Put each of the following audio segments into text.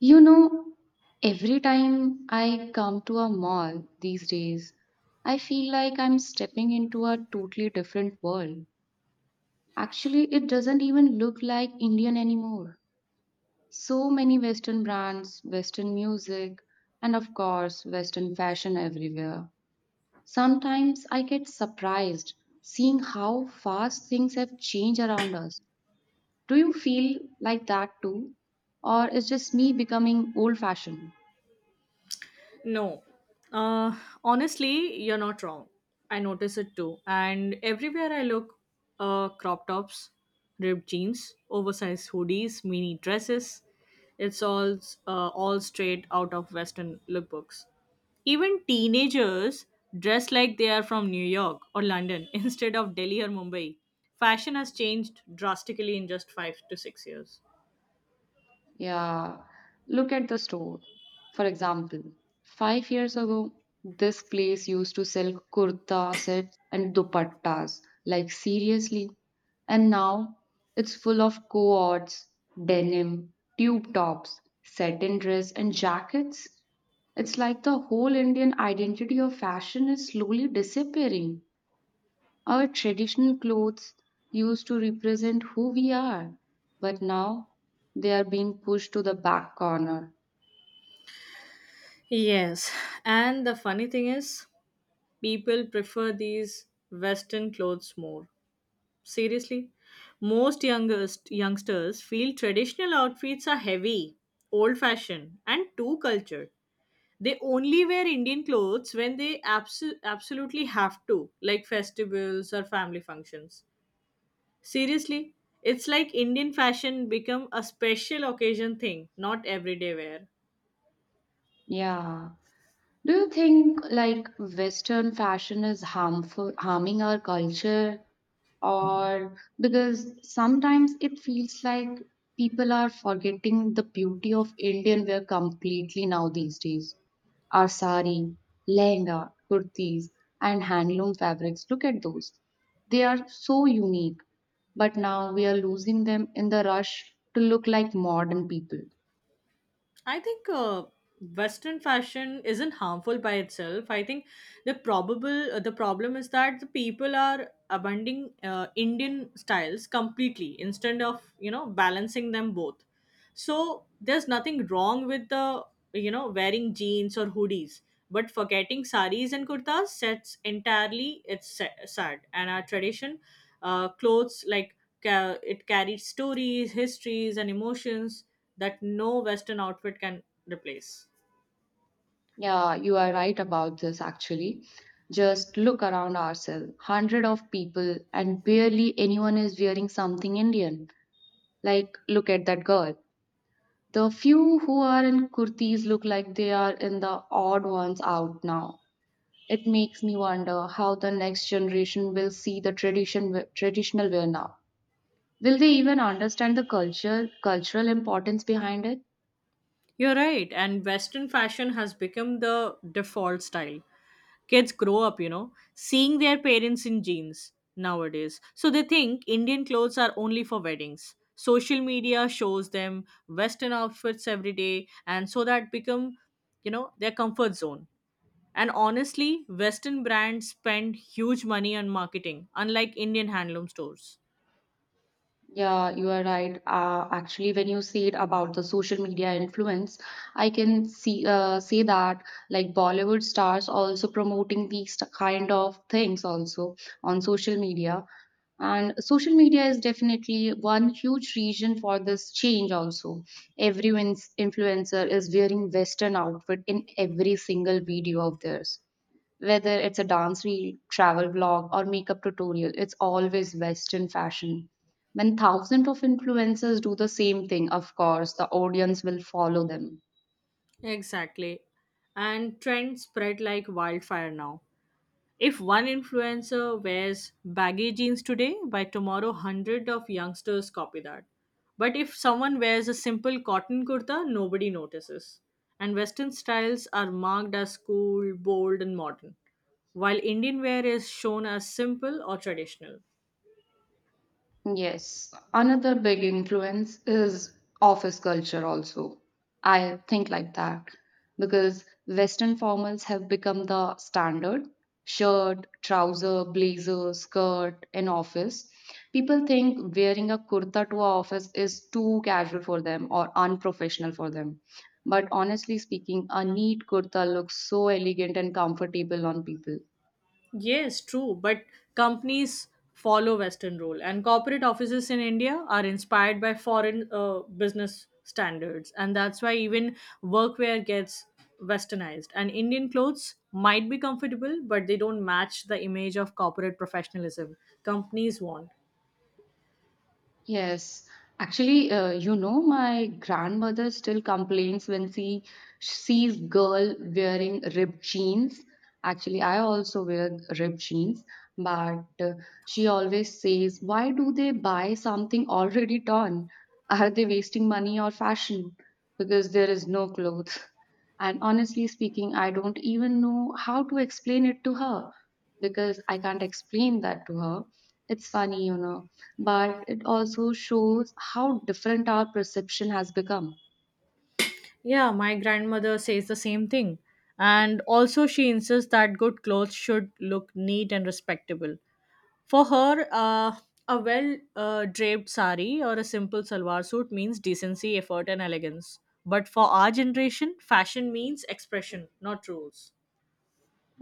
You know, every time I come to a mall these days, I feel like I'm stepping into a totally different world. Actually, it doesn't even look like Indian anymore. So many Western brands, Western music, and of course, Western fashion everywhere. Sometimes I get surprised seeing how fast things have changed around us. Do you feel like that too? Or is just me becoming old fashioned? No. Uh, Honestly, you're not wrong. I notice it too. And everywhere I look, crop tops, ripped jeans, oversized hoodies, mini dresses. It's all straight out of Western lookbooks. Even teenagers dress like they are from New York or London instead of Delhi or Mumbai. Fashion has changed drastically in just 5 to 6 years. Yeah, look at the store. For example, 5 years ago, this place used to sell kurta sets and dupattas, like seriously. And now it's full of coats, denim, tube tops, satin dress, and jackets. It's like the whole Indian identity of fashion is slowly disappearing. Our traditional clothes used to represent who we are, but now they are being pushed to the back corner. Yes, and the funny thing is, people prefer these western clothes more. Seriously, most youngest youngsters feel traditional outfits are heavy, old fashioned, and too cultured. They only wear Indian clothes when they absolutely have to, like festivals or family functions. Seriously, it's like Indian fashion become a special occasion thing, not everyday wear. Yeah. Do you think like Western fashion is harmful, harming our culture, or because sometimes it feels like people are forgetting the beauty of Indian wear completely now these days? Our sari, lehenga, kurtis, and handloom fabrics. Look at those; they are so unique. But now we are losing them in the rush to look like modern people. I think Western fashion isn't harmful by itself. I think the problem is that the people are abandoning Indian styles completely instead of, you know, balancing them both. So there's nothing wrong with, the wearing jeans or hoodies, but forgetting saris and kurtas sets entirely, sad. And our tradition, clothes like, it carries stories, histories, and emotions that no Western outfit can replace. Yeah, you are right about this actually. Just look around ourselves. Hundred of people and barely anyone is wearing something Indian. Like look at that girl. The few who are in kurtis look like they are in the odd ones out now. It makes me wonder how the next generation will see the traditional wear now. Will they even understand the cultural importance behind it? You're right, and Western fashion has become the default style. Kids grow up, you know, seeing their parents in jeans nowadays. So they think Indian clothes are only for weddings. Social media shows them Western outfits every day, and so that become, you know, their comfort zone. And honestly, Western brands spend huge money on marketing, unlike Indian handloom stores. Yeah, you are right. Actually, when you said about the social media influence, I can see say that like Bollywood stars also promoting these kind of things also on social media. And social media is definitely one huge reason for this change also. Everyone's influencer is wearing Western outfit in every single video of theirs. Whether it's a dance reel, travel vlog, or makeup tutorial, it's always Western fashion. When thousands of influencers do the same thing, of course, the audience will follow them. Exactly. And trends spread like wildfire now. If one influencer wears baggy jeans today, by tomorrow, hundred of youngsters copy that. But if someone wears a simple cotton kurta, nobody notices. And Western styles are marked as cool, bold, and modern, while Indian wear is shown as simple or traditional. Yes, another big influence is office culture, also. I think like that because Western formals have become the standard shirt, trouser, blazer, skirt in office. People think wearing a kurta to a office is too casual for them or unprofessional for them. But honestly speaking, a neat kurta looks so elegant and comfortable on people. Yes, true. But companies follow Western rule, and corporate offices in India are inspired by foreign business standards, and that's why even workwear gets westernized. And Indian clothes might be comfortable, but they don't match the image of corporate professionalism companies want. Yes, actually, you know, my grandmother still complains when she sees girl wearing ripped jeans. Actually, I also wear ripped jeans, but she always says, "Why do they buy something already torn? Are they wasting money or fashion? Because there is no clothes." And honestly speaking, I don't even know how to explain it to her because I can't explain that to her. It's funny, you know but it also shows how different our perception has become. Yeah, my grandmother says the same thing. And also, she insists that good clothes should look neat and respectable. For her, a well draped sari or a simple salwar suit means decency, effort, and elegance. But for our generation, fashion means expression, not rules.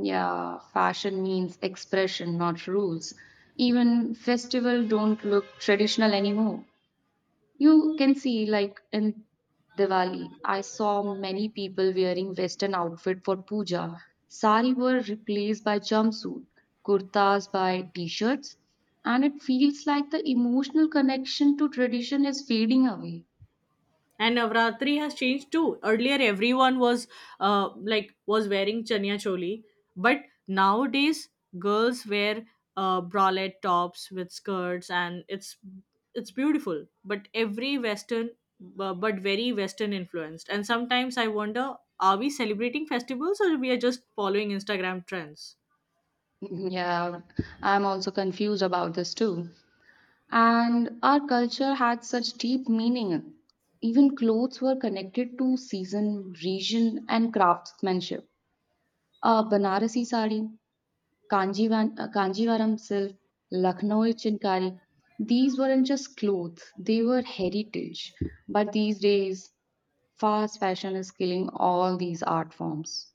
Yeah, fashion means expression, not rules. Even festival don't look traditional anymore. You can see like in Diwali, I saw many people wearing western outfit for puja. Sari were replaced by jumpsuit, kurtas by t-shirts, and it feels like the emotional connection to tradition is fading away. And Navratri has changed too. Earlier, everyone was uh, like was wearing chania choli, but nowadays girls wear bralette tops with skirts, and it's beautiful, but every western, but very western influenced. And sometimes I wonder, are we celebrating festivals or we are just following Instagram trends? Yeah, I'm also confused about this too. And our culture had such deep meaning. Even clothes were connected to season, region, and craftsmanship. A Banarasi sari, Kanjivaram silk, Lucknowi chinkari. These weren't just clothes, they were heritage. But these days, fast fashion is killing all these art forms.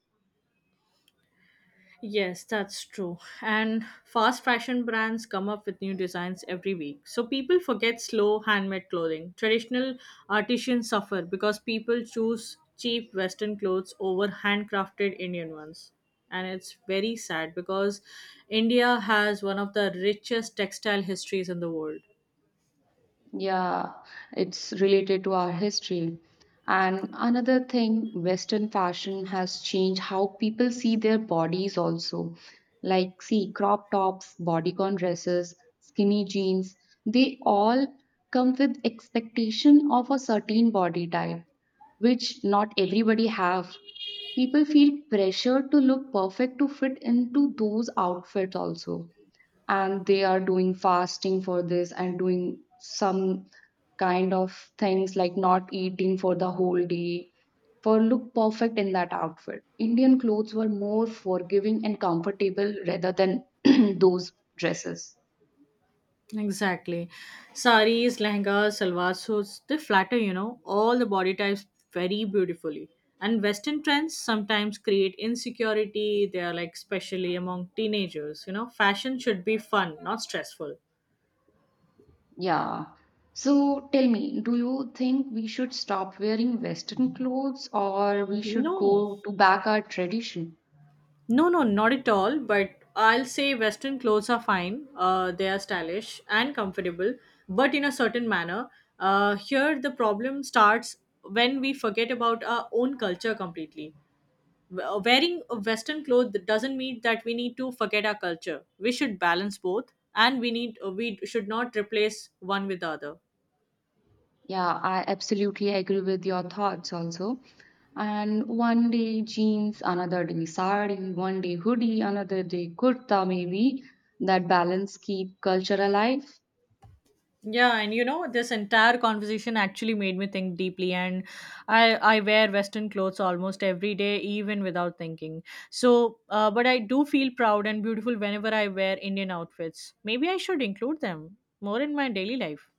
Yes, that's true. And fast fashion brands come up with new designs every week. So people forget slow handmade clothing. Traditional artisans suffer because people choose cheap western clothes over handcrafted Indian ones. And it's very sad because India has one of the richest textile histories in the world. Yeah, it's related to our history. And another thing, Western fashion has changed how people see their bodies also. Like, see, crop tops, bodycon dresses, skinny jeans, they all come with expectation of a certain body type, which not everybody have. People feel pressured to look perfect to fit into those outfits also, and they are doing fasting for this and doing some kind of things like not eating for the whole day for look perfect in that outfit. Indian clothes were more forgiving and comfortable rather than those dresses. Exactly. Saris, lehengas, salwar suits, they flatter, you know, all the body types very beautifully. And Western trends sometimes create insecurity. They are like, especially among teenagers, you know, fashion should be fun, not stressful. Yeah, so tell me, do you think we should stop wearing western clothes or we should No, go to back our tradition? no, no, not at all. But I'll say Western clothes are fine. They are stylish and comfortable, but in a certain manner. Here, the problem starts when we forget about our own culture completely. Wearing a Western clothes doesn't mean that we need to forget our culture. We should balance both, and we should not replace one with the other. Yeah, I absolutely agree with your thoughts also. And one day jeans, another day sari, one day hoodie, another day kurta maybe. That balance keep culture alive. Yeah, and you know, this entire conversation actually made me think deeply, and I wear western clothes almost every day even without thinking. So, but I do feel proud and beautiful whenever I wear Indian outfits. Maybe I should include them more in my daily life.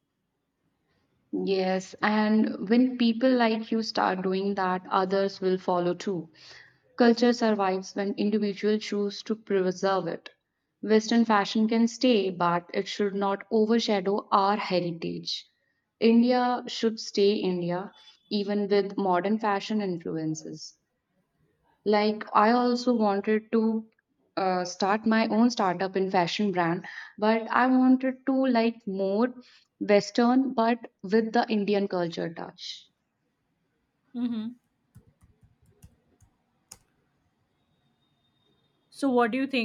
Yes, and when people like you start doing that, others will follow too. Culture survives when individuals choose to preserve it. Western fashion can stay, but it should not overshadow our heritage. India should stay India, even with modern fashion influences. Like, I also wanted to start my own startup in fashion brand, but I wanted to like more Western, but with the Indian culture touch. Mhm. So what do you think?